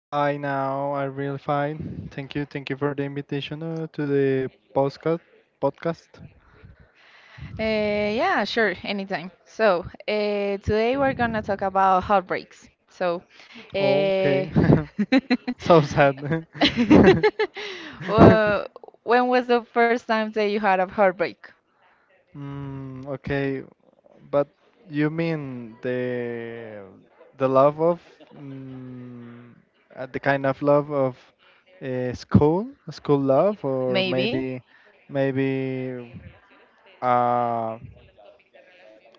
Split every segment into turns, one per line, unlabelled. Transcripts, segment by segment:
Hi, now I'm really fine. Thank you. Thank you for the invitation to the podcast.
Uh, yeah, sure, anytime. So, today we're gonna talk about heartbreaks. So, uh,
Okay. So sad.
well, when was the first time that you had a heartbreak?
Okay, but you mean the the love of mm, the kind of love of school love, or
Maybe.
maybe uh,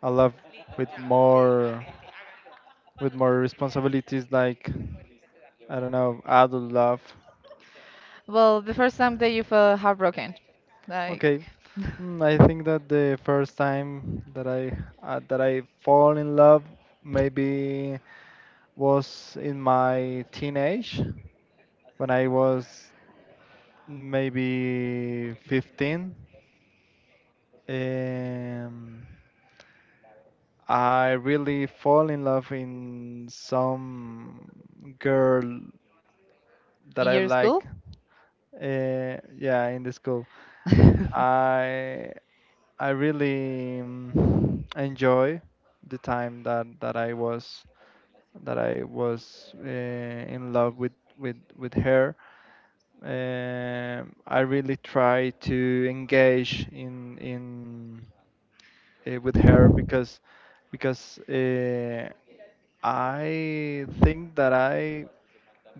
a love with more. with more responsibilities, like I don't know, adult love.
Well, the first time that you felt heartbroken, like
Okay. I think that the first time that I fall in love maybe was in my teenage, when I was maybe 15. Um, I really fall in love in some girl that
in
I
your school,
like Yeah, in the school. I I really enjoy the time that I was in love with her. I really try to engage in with her, because I think that I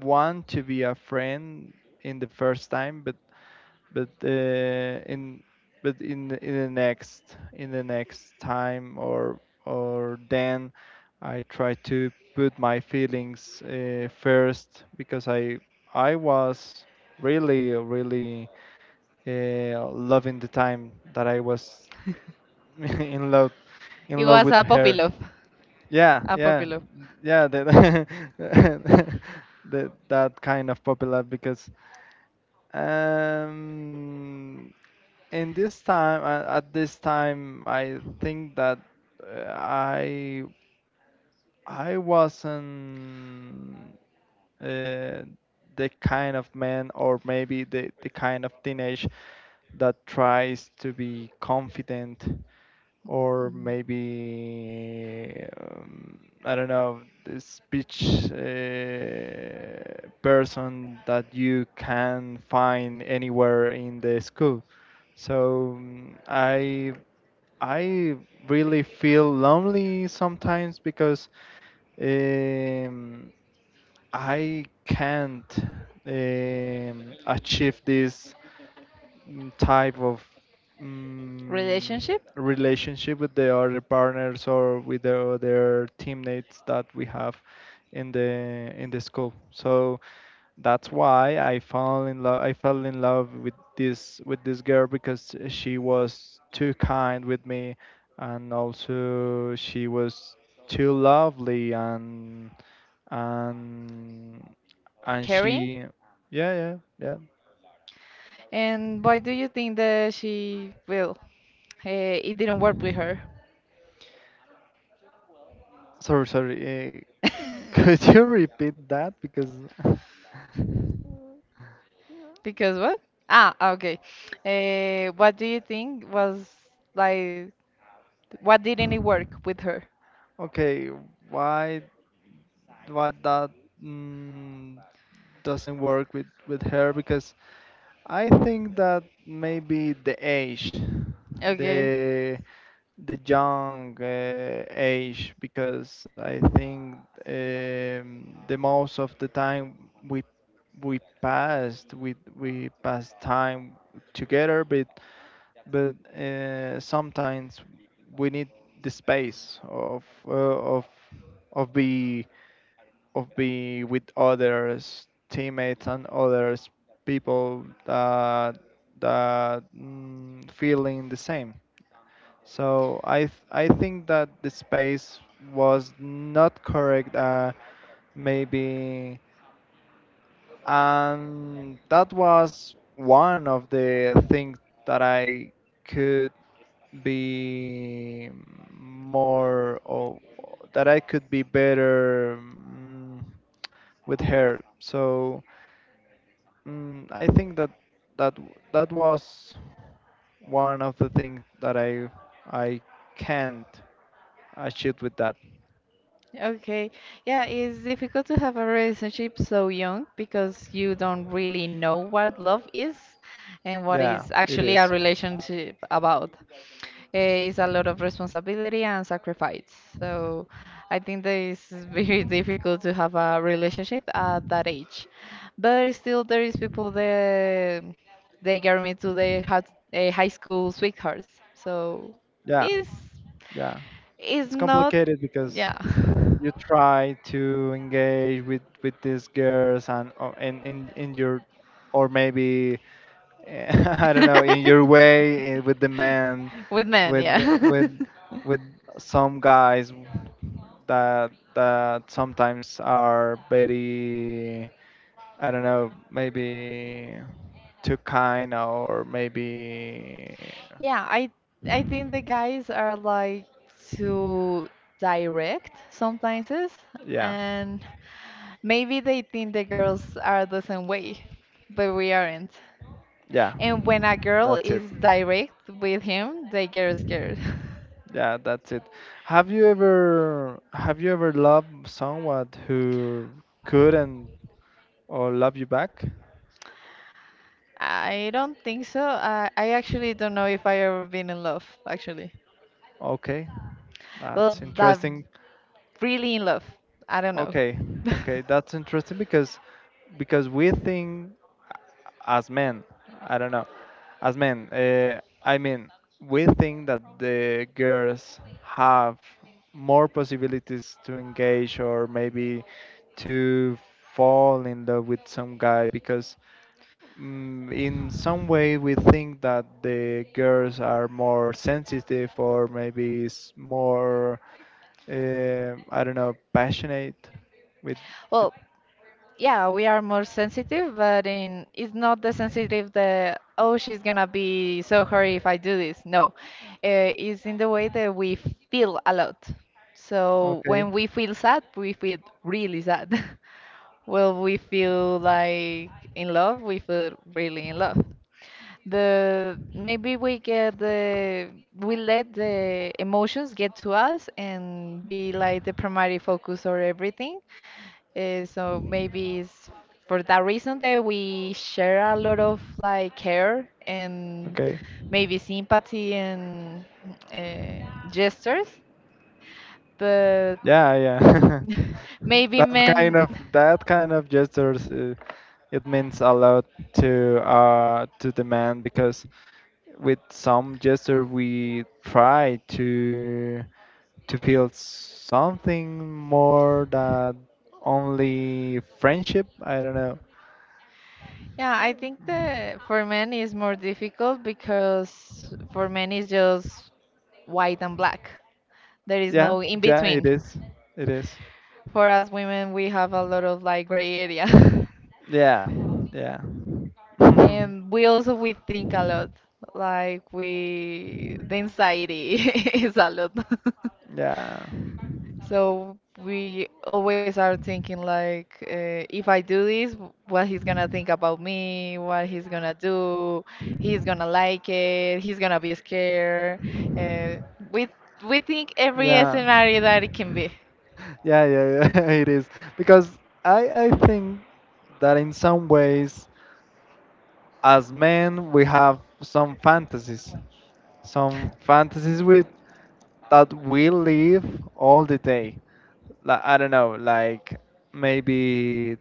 want to be a friend in the first time, but in but in the next time, or then I try to put my feelings first because I was really loving the time that I was in love in
it
love
was
with
a puppy
her.
love.
Yeah, yeah,
Unpopular.
yeah. That That kind of popular, because um, at this time, I think that uh, I I wasn't uh, the kind of man, or maybe the kind of teenage that tries to be confident, or
Mm.
maybe, I don't know, the speech person that you can find anywhere in the school. So, I really feel lonely sometimes because, um, I can't achieve this, type of mm
Relationship?
relationship with the other partners, or with the other teammates that we have in the school. So that's why I fell in love. I fell in love with this girl, because she was too kind with me, and also she was too lovely. And and
Caring?
she Yeah, yeah, yeah.
And why do you think that she, well, it didn't work with her?
Sorry, could you repeat that, because
Because what? Ah, okay. What do you think was like, what didn't it work with her?
okay, why why that, mm, doesn't work with her? Because I think that maybe the age,
Okay.
the the young age, because I think, the most of the time we passed time together, but but sometimes we need the space of of be of being with others teammates and others people that, that feeling the same. So, I think that the space was not correct, maybe, and that was one of the things that i could be more or that I could be better, with her. So, I think that that was one of the things that I can't achieve with that.
Okay. Yeah, it's difficult to have a relationship so young because you don't really know what love is and what
Yeah,
is
it
actually a
is.
relationship about. It's a lot of responsibility and sacrifice. So I think that it's very difficult to have a relationship at that age. But still, there is people that they get me to the hot, high school sweethearts. So
Yeah,
it's
yeah. It's
it's not,
complicated, because
yeah.
you try to engage with these girls, and in your, or maybe I don't know, in your way, with the man,
With men,
with
yeah.
with with some guys that, sometimes are very, I don't know, maybe too kind, or maybe,
Yeah, I think the guys are like too direct sometimes,
yeah,
and maybe they think the girls are the same way, but we aren't.
yeah.
And when a girl
That's it.
is direct with him, they get scared.
Yeah, that's it. Have you ever loved someone who couldn't, or love you back?
I don't think so. I actually don't know if I ever been in love, actually.
Okay,
Well,
that's
that
interesting.
really in love. I don't know.
Okay, okay, that's interesting, because, we think, as men, I don't know, as men, I mean, we think that the girls have more possibilities to engage, or maybe to fall in love with some guy, because, in some way we think that the girls are more sensitive, or maybe, s- more, I don't know, passionate with
Well,
with
yeah, we are more sensitive, but in it's not the sensitive that oh she's gonna be so hurt if I do this. No, it's in the way that we feel a lot. So
okay,
when we feel sad, we feel really sad. Well, we feel like in love, we feel really in love. The maybe we get the we let the emotions get to us and be like the primary focus or everything. So maybe it's for that reason that we share a lot of like care and
okay,
maybe sympathy and uh, gestures, but
yeah, yeah.
maybe
that kind
men.
of that kind of gestures, it means a lot to, the man, because with some gesture we try to feel something more than only friendship. I don't know.
Yeah, I think that for men is more difficult because for men it's just white and black. There is
Yeah,
no in
yeah, it
between.
is. It is.
For us women, we have a lot of like gray area.
Yeah, yeah.
And we also we think a lot. Like we the anxiety is a lot.
Yeah.
So we always are thinking like, if I do this, what he's gonna think about me, what he's gonna do, he's gonna like it, he's gonna be scared. Uh, we we think every
Yeah.
scenario that it can be.
Yeah, yeah, yeah, it is. Because, I think that in some ways, as men, we have some fantasies with, that we live all the day. Like, I don't know, like, maybe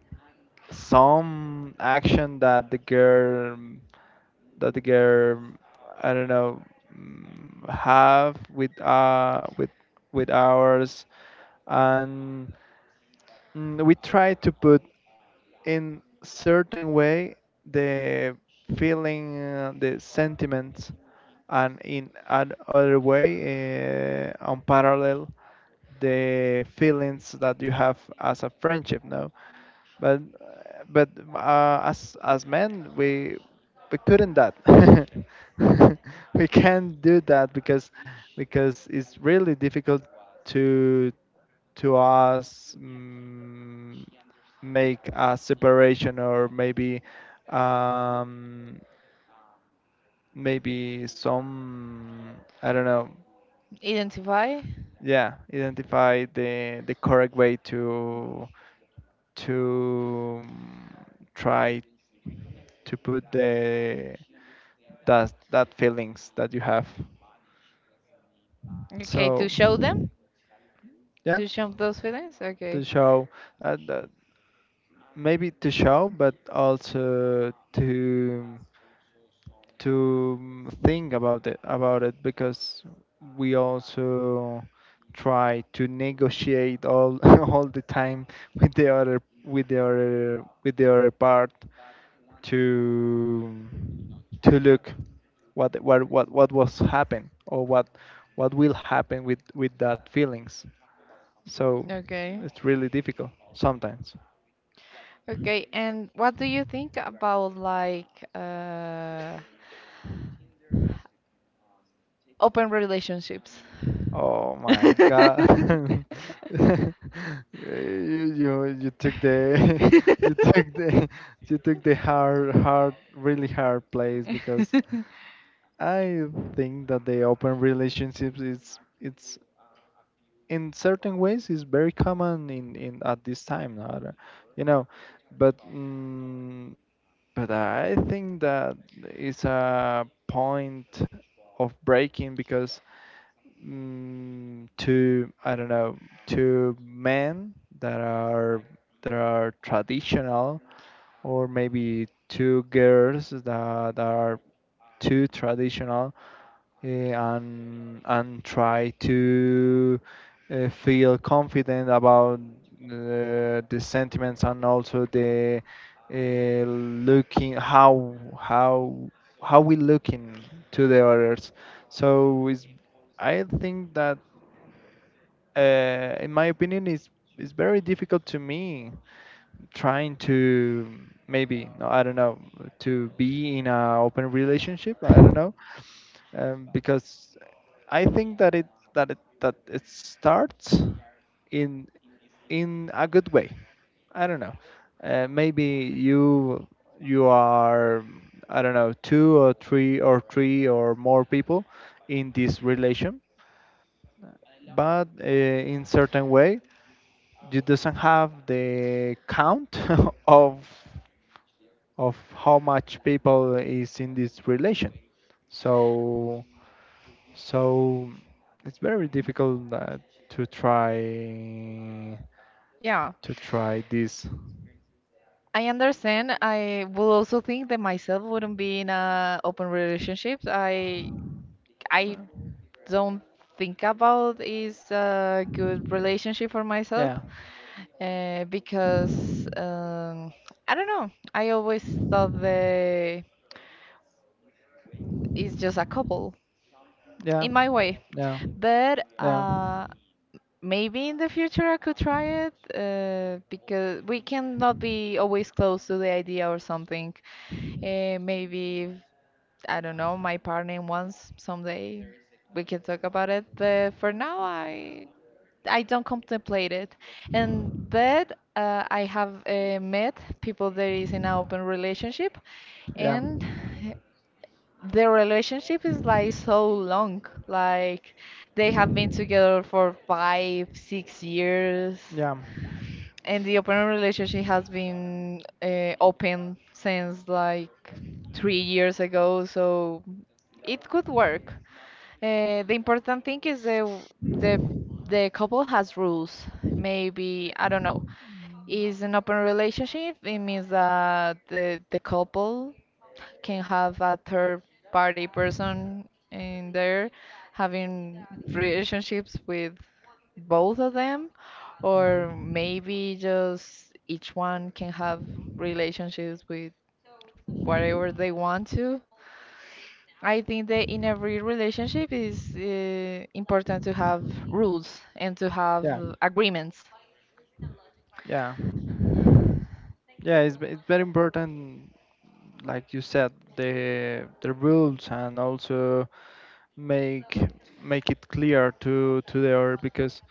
some action that the girl I don't know, have with, with ours, and, we try to put, in certain way, the feeling, the sentiments, and in another way, unparalleled the feelings that you have as a friendship. No, but but as, men, we, couldn't that. We can't do that, because, it's really difficult to to us, make a separation, or maybe, um, maybe some, I don't know,
Identify.
yeah, identify the correct way to, to try to put the that that feelings that you have.
Okay, to
So,
show them,
yeah,
to show those feelings. Okay,
to show, uh, the- maybe to show, but also to think about it, because we also try to negotiate all all the time with the other part, to, to look what was happened, or what will happen with that feelings. So
okay,
it's really difficult sometimes.
okay. And what do you think about like uh, open relationships?
Oh my God! You, you took the you took the you took the hard hard really hard place, because I think that the open relationships, is it's, in certain ways is very common, in at this time now, you know but, but I think that it's a point of breaking, because, to, I don't know, to men that are, that are traditional, or maybe two girls that are too traditional, and try to, feel confident about, the sentiments, and also the, looking how, how we looking to the others. So, it's, I think that, in my opinion, is, is very difficult to me, trying to, maybe, no, I don't know, to be in a open relationship. I don't know, because I think that it starts in in a good way. I don't know. Maybe you, you are, I don't know, two or three, or more people in this relation, but in certain way, you doesn't have the count of of how much people is in this relation. So, So it's very difficult, to try,
Yeah.
to try this.
I understand. I will also think that myself wouldn't be in a open relationship. I
Uh,
I don't think about is a good relationship for myself
yeah,
because I don't know. I always thought that it's just a couple
yeah,
in my way,
yeah,
but
yeah,
maybe in the future I could try it because we cannot be always close to the idea or something. Maybe I don't know, my partner wants someday we can talk about it, but for now I don't contemplate it. And but I have met people that is in an open relationship,
yeah,
and the relationship is like so long. Like they have been together for 5, 6 years
yeah.
and the open relationship has been open since like 3 years ago, so it could work. The important thing is the the couple has rules. Maybe I don't know. Is an open relationship? It means that the couple can have a third party person in there having relationships with both of them or
Mhm.
maybe just each one can have relationships with whatever they want to. I think that in every relationship is important to have rules and to have
Yeah.
agreements.
Yeah. Yeah, it's very important, like you said, the rules, and also make make it clear to the other, because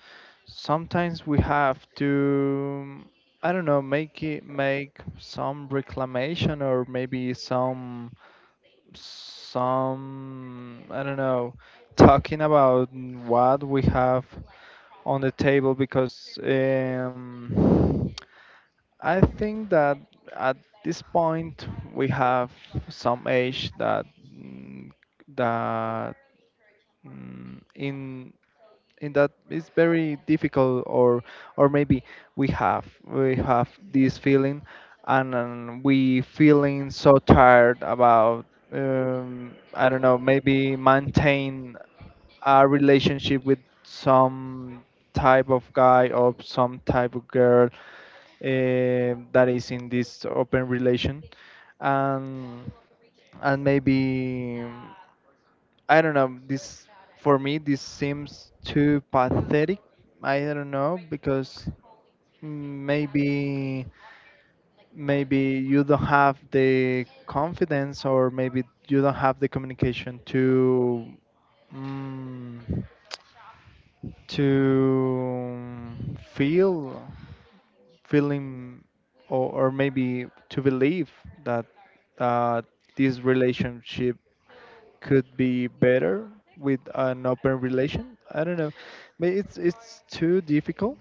sometimes we have to, I don't know, make some reclamation, or maybe some, I don't know, talking about what we have on the table, because, I think that at this point we have some age that, that mm, in in that it's very difficult, or maybe, we have this feeling, and, we feeling so tired about, I don't know, maybe maintain a relationship with some type of guy, or some type of girl, that is in this open relation, and and maybe, I don't know. This, for me, this seems too pathetic. I don't know, because, maybe, you don't have the confidence, or maybe you don't have the communication to, mm, to feel feeling or, maybe to believe that, uh, this relationship could be better with an open relation. I don't know. But it's too difficult,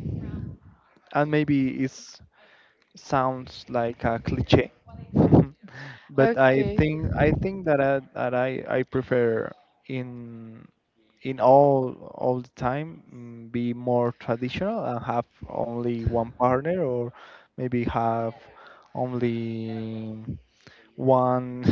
and maybe it sounds like a cliche. But I
Okay.
think I think that I prefer, in in all the time, be more traditional, and have only one partner, or maybe have only one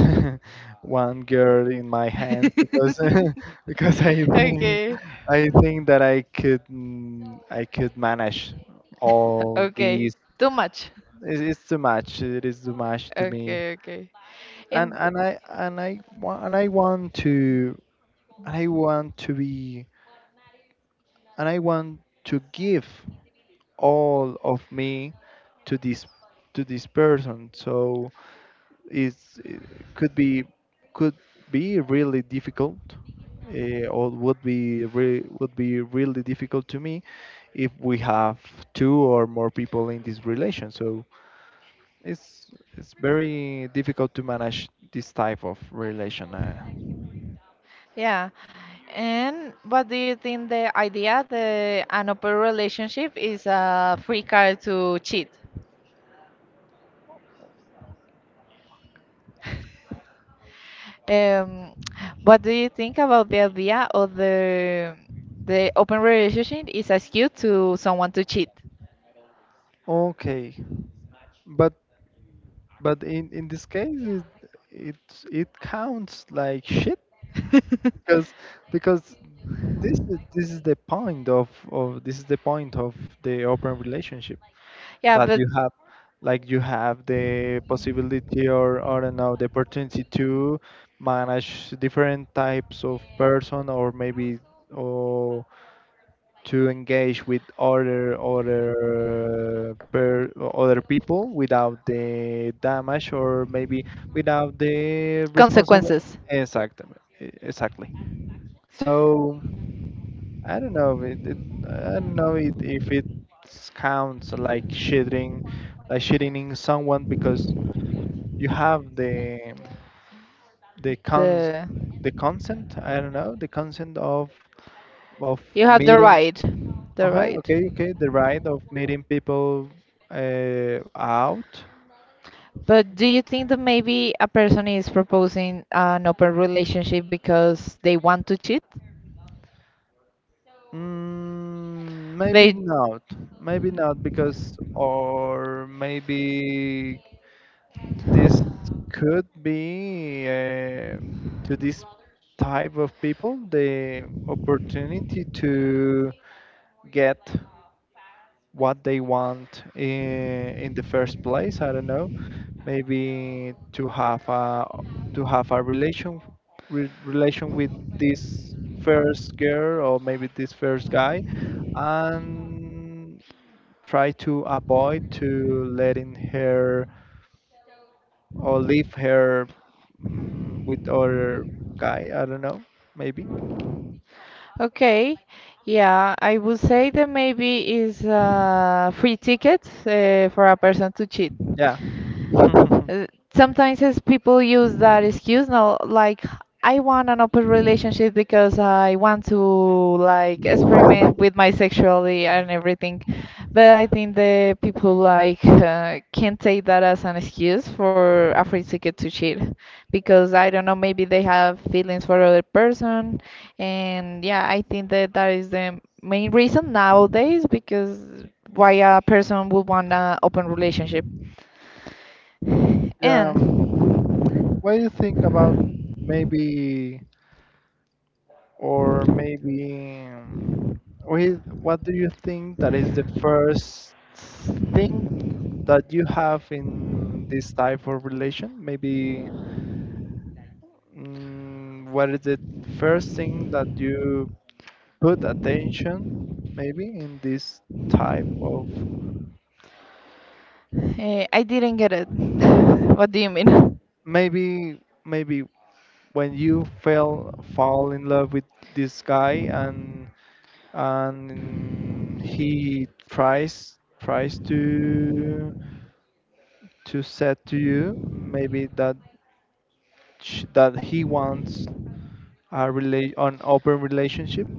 one girl in my hand, because because I think
Okay.
I think that I could manage all
Okay,
these.
too much.
It's too much. It is too much to me.
Okay, okay,
And
and
and I want to and I want to be and I want to give all of me to this, to this person. So is it, could be, could be really difficult, or would be, re would be really difficult to me if we have two or more people in this relation. So it's it's very difficult to manage this type of relation.
yeah. And what do you think the idea the an open relationship is a free card to cheat? Um, what do you think about the idea of the open relationship is a excuse to someone to cheat?
Okay, but but in this case it, it it counts like shit, because, because this is, this is the point of, the open relationship,
Yeah,
that
but
you have, like, you have the possibility, or I don't know, the opportunity to manage different types of person, or maybe, or to engage with other, other people without the damage, or maybe, without the responsible,
consequences.
exactly, exactly. So, I don't know, if, It, it I don't know it, if it counts like shitting, in someone, because you have the cons
The
the consent. I don't know, the consent of
you have the
meeting.
right, the
Okay,
right.
okay, okay. The right of meeting people out.
But do you think that maybe a person is proposing an open relationship because they want to cheat?
Maybe
They
not. Maybe not because, or maybe this could be to this type of people the opportunity to get what they want in the first place. I don't know, maybe to have a relation relation with this first girl or maybe this first guy, and try to avoid to letting her or leave her with other guy. I don't know. Maybe.
Okay, yeah, I would say that maybe is a free ticket for a person to cheat.
Yeah.
Uh, Sometimes it's people use that excuse now, like I want an open relationship because I want to like experiment with my sexuality and everything. But I think the people like can take that as an excuse for a free ticket to cheat because I don't know, maybe they have feelings for other person, and yeah, I think that that is the main reason nowadays because why a person would want an open relationship.
Yeah.
And
What do you think about maybe, or maybe, what do you think that is the first thing that you have in this type of relation? Maybe, what is the first thing that you put attention maybe in this type of?
I didn't get it. What do you mean?
Maybe, maybe when you fell fall in love with this guy and he tries to set to you maybe that that he wants a an open relationship,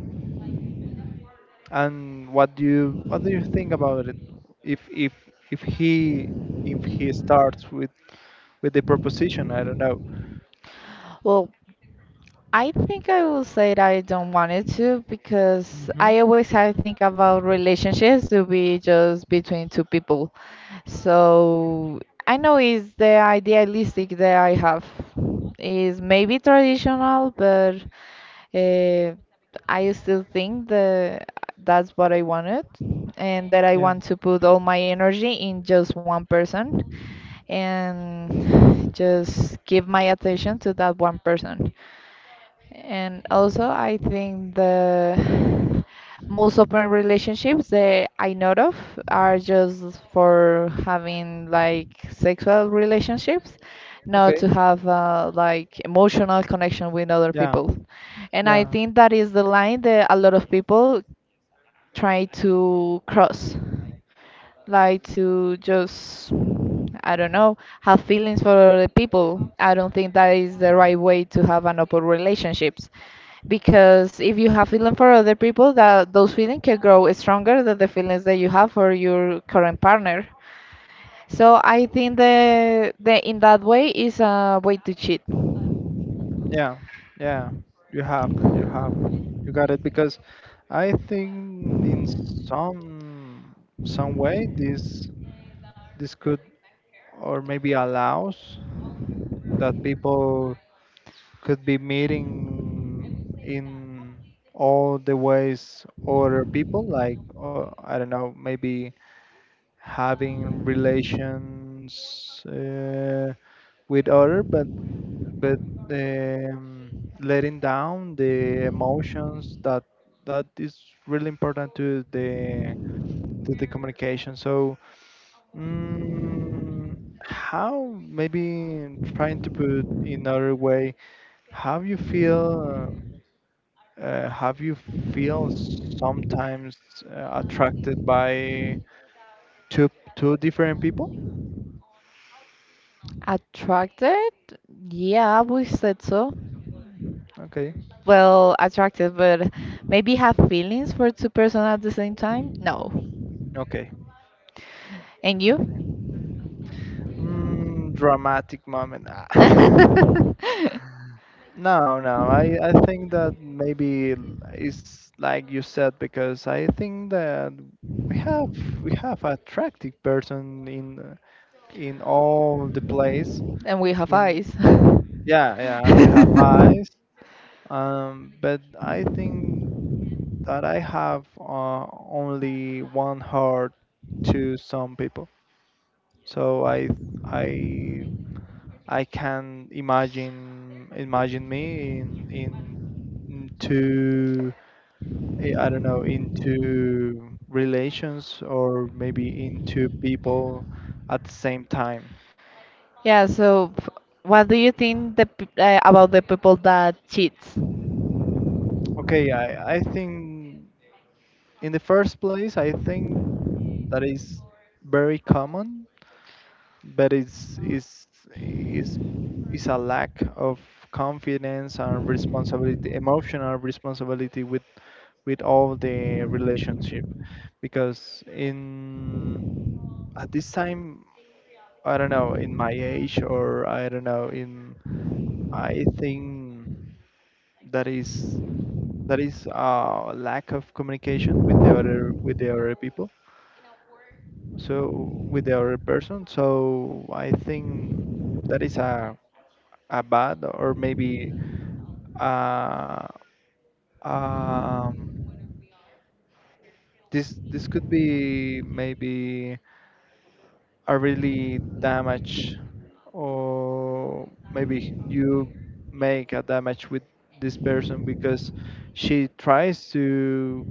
and what do you think about it? If if he if he starts with the proposition. I don't know.
Well, I think I will say that I don't want it to because
Hmm.
I always I think about relationships to be just between two people. So I know it's the idealistic that I have is maybe traditional, but uh, I still think that that's what I wanted and that I
Yeah.
want to put all my energy in just one person and just give my attention to that one person. And also, I think the most open relationships that I know of are just for having like sexual relationships, not to
Okay.
have like emotional connection with other
Yeah,
people. And I
yeah.
think that is the line that a lot of people try to cross like to just I don't know have feelings for other people. I don't think that is the right way to have an open relationships because if you have feeling for other people that those feelings can grow stronger than the feelings that you have for your current partner. So I think the in that way is a way to cheat.
Yeah, yeah, you have, you got it, because I think in some way this this could or maybe allows that people could be meeting in all the ways other people, like I don't know, maybe having relations. With other, but but um, letting down the emotions that is really important to the communication. So, mm, how maybe trying to put in other way, how you feel, have you feel sometimes attracted by two two different people?
Attracted? Yeah, we said so.
Okay,
Well, attracted, but maybe have feelings for two persons at the same time? No.
okay.
And
Okay.
you?
Dramatic moment. Ah. No, no. I think that maybe it's like you said, because I think that we have we have attractive person in all the place.
And we have
In,
eyes.
yeah, yeah, and we have eyes. But I think that I have only one heart to some people, so I I can imagine me in two, I don't know, into relations or maybe into people at the same time.
Yeah, so what do you think about the people that cheats?
Okay, I think, in the first place, I think that is very common, but it's, it's a lack of confidence and responsibility, emotional responsibility with all the relationship, because in at this time, I don't know, in my age, or I don't know, in I think that is a lack of communication with the other people. So with the other person. So I think that is a bad, or maybe uh um this could be maybe are really damaged, or maybe you make a damage with this person because she tries to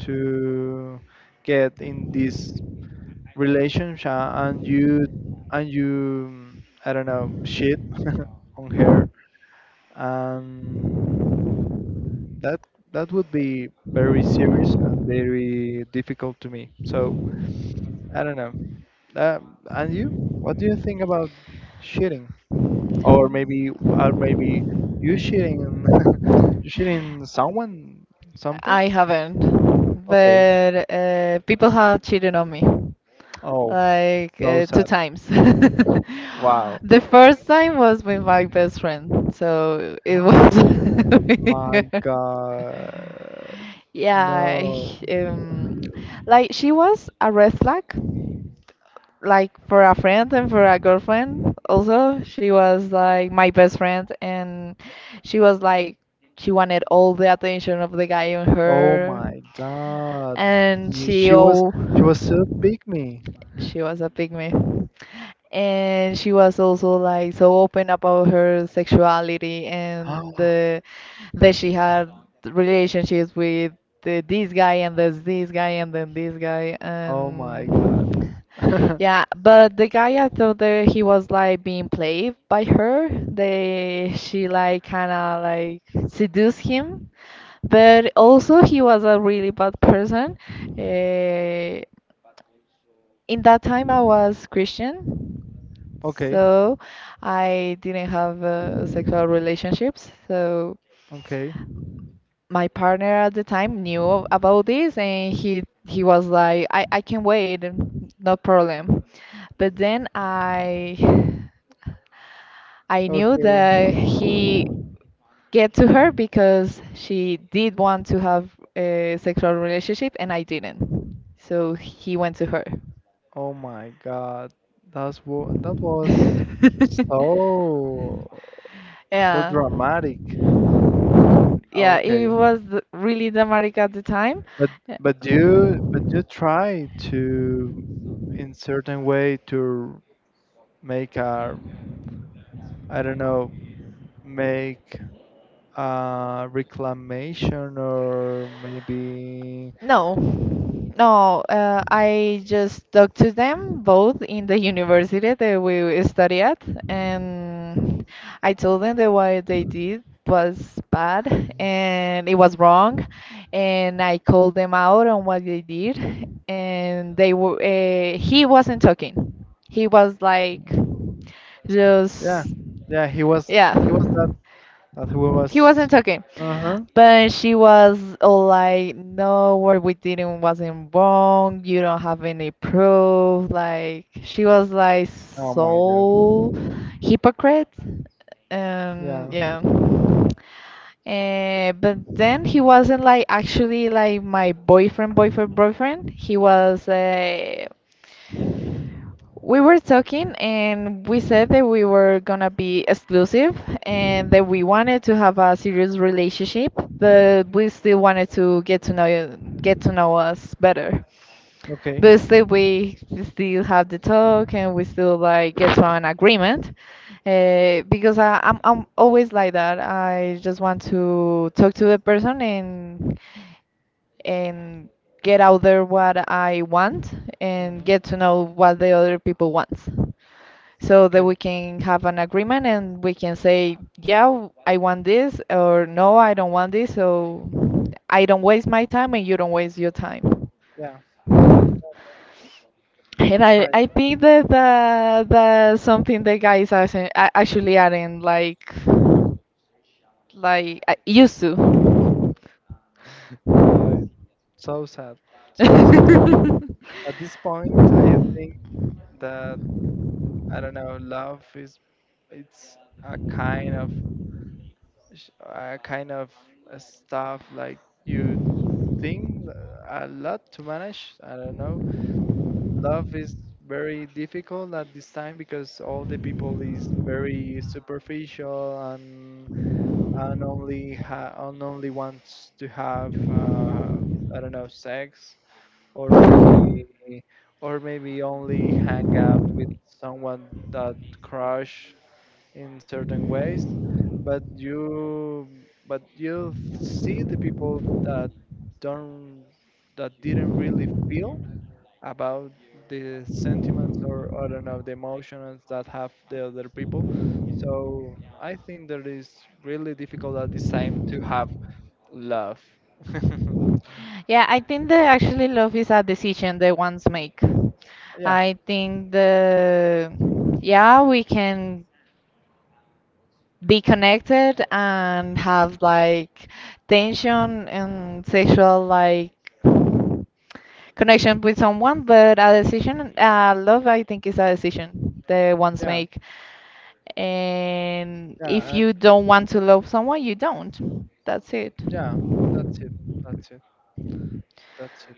to get in this relationship and you I don't know shit on her, and that would be very serious and very difficult to me. So I don't know. Uh, and you? What do you think about shitting? Or maybe, you shitting, you shitting someone sometime?
I haven't,
Okay.
but people have cheated on me
Oh,
like
so
two
sad.
times.
Wow.
The first time was with my best friend, so it was really
My
hard.
God.
Yeah,
No.
like she was a red flag, like for a friend and for a girlfriend. Also, she was like my best friend, and she was like she wanted all the attention of the guy on
Oh
her
my God.
and
Ye-
she
She was,
all
she was so pick me.
she was a pygmy and she was also like so open about her sexuality and the, that she had relationships with the, this guy and this guy and then this guy
Oh my God.
and yeah but the guy I thought that he was like being played by her they she like kind of like seduced him but also he was a really bad person. Uh, in that time I was Christian,
Okay.
so I didn't have sexual relationships. So
Okay.
my partner at the time knew about this and he was like I can wait no problem but then I I knew
Okay.
that he get to her because she did want to have a sexual relationship and I didn't so he went to her.
Oh my God, that's what that was, so so
Yeah.
dramatic.
Yeah, it
Okay,
was really dramatic at the time.
but
Yeah.
you, but you try to in certain way to make a, I don't know, make a reclamation, or maybe
No, no, I just talked to them both in the university that we study at, and I told them that what they did was bad and it was wrong, and I called them out on what they did, and they were, he wasn't talking. He was like,
yeah,
just,
yeah, he was,
yeah.
he was that that he
He
was.
wasn't talking,
Uh huh
but she was all like, "No, what we didn't wasn't wrong. You don't have any proof." Like she was like
oh my
so
God.
hypocrite, and
Yeah.
yeah. But then he wasn't like actually like my boyfriend, boyfriend, boyfriend. He was we were talking and we said that we were gonna be exclusive and that we wanted to have a serious relationship, but we still wanted to get to know us better.
Okay.
But still we still have the talk and we still like get to an agreement. Because I'm always like that. I just want to talk to the person and and get out there what I want and
Mhm.
get to know what the other people want so that we
Okay.
can have an agreement and we can say, yeah, I want this, or no, I don't want this, so I don't waste my time and you don't waste your time.
Yeah,
And
that's
I,
right.
I think that the something the guys actually aren't like I used to.
Uh, so sad, so sad. At this point, I think that I don't know. Love is it's a kind of a kind of stuff like you think a lot to manage. I don't know. Love is very difficult at this time because all the people is very superficial, and only and only wants to have I don't know, sex, or maybe only hang out with someone that crush in certain ways. But you see the people that don't, that didn't really feel about the sentiments, or I don't know, the emotions that have the other people. So I think that is really difficult at this time to have love.
Yeah, I think that actually love is a decision that ones make.
Yeah.
I think the yeah, we can be connected and have like tension and sexual like connection with someone, but a decision, love, I think is a decision that ones
Yeah.
make. And if
yeah and
you don't want to love someone, you don't. That's it.
Yeah, that's it. That's it. That's it.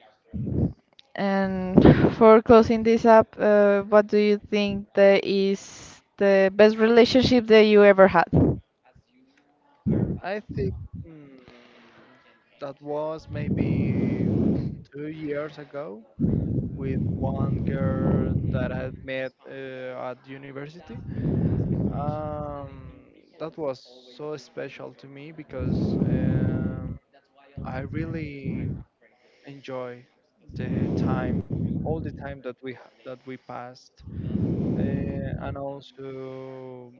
And for closing this up, what do you think that is the best relationship that you ever had?
I think, mm, that was maybe 2 years ago with one girl that I had met at university. Um, that was so special to me because, I really enjoy the time, all the time that we that we passed, and also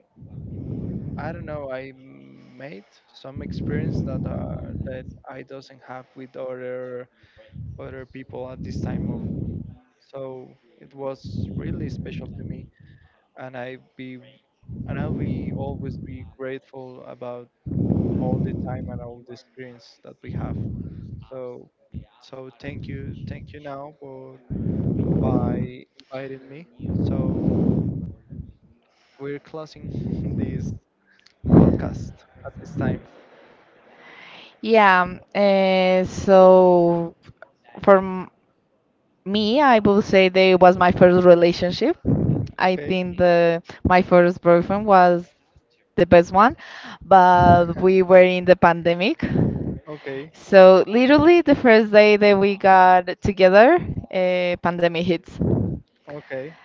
I don't know. I made some experience that that I doesn't have with other people at this time of. So it was really special to me, and I will always be grateful about all the time and all the experience that we have. So so thank you now for by inviting me. So we're closing this podcast at this time.
Yeah, so for me, I will say that it was my first relationship. I
Okay,
think the my first boyfriend was the best one, but we were in the pandemic.
okay.
So literally the first day that we got together, pandemic hits.
Okay.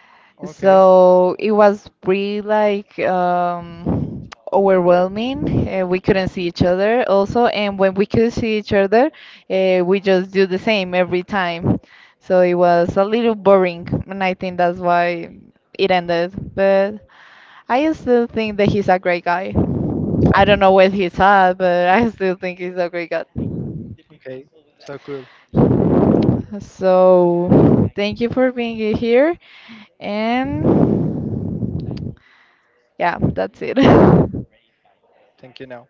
Okay.
So it was pretty like overwhelming. We couldn't
Hmm.
see each other also, and when we could see each other, we just do the same every time. So it was a little boring, and I think that's why it ended. But I still think that he's a great guy. I don't know where he's at, but I still think he's a great guy.
Okay. So cool. So cool.
So, thank you for being here. And yeah, that's it.
Thank you now.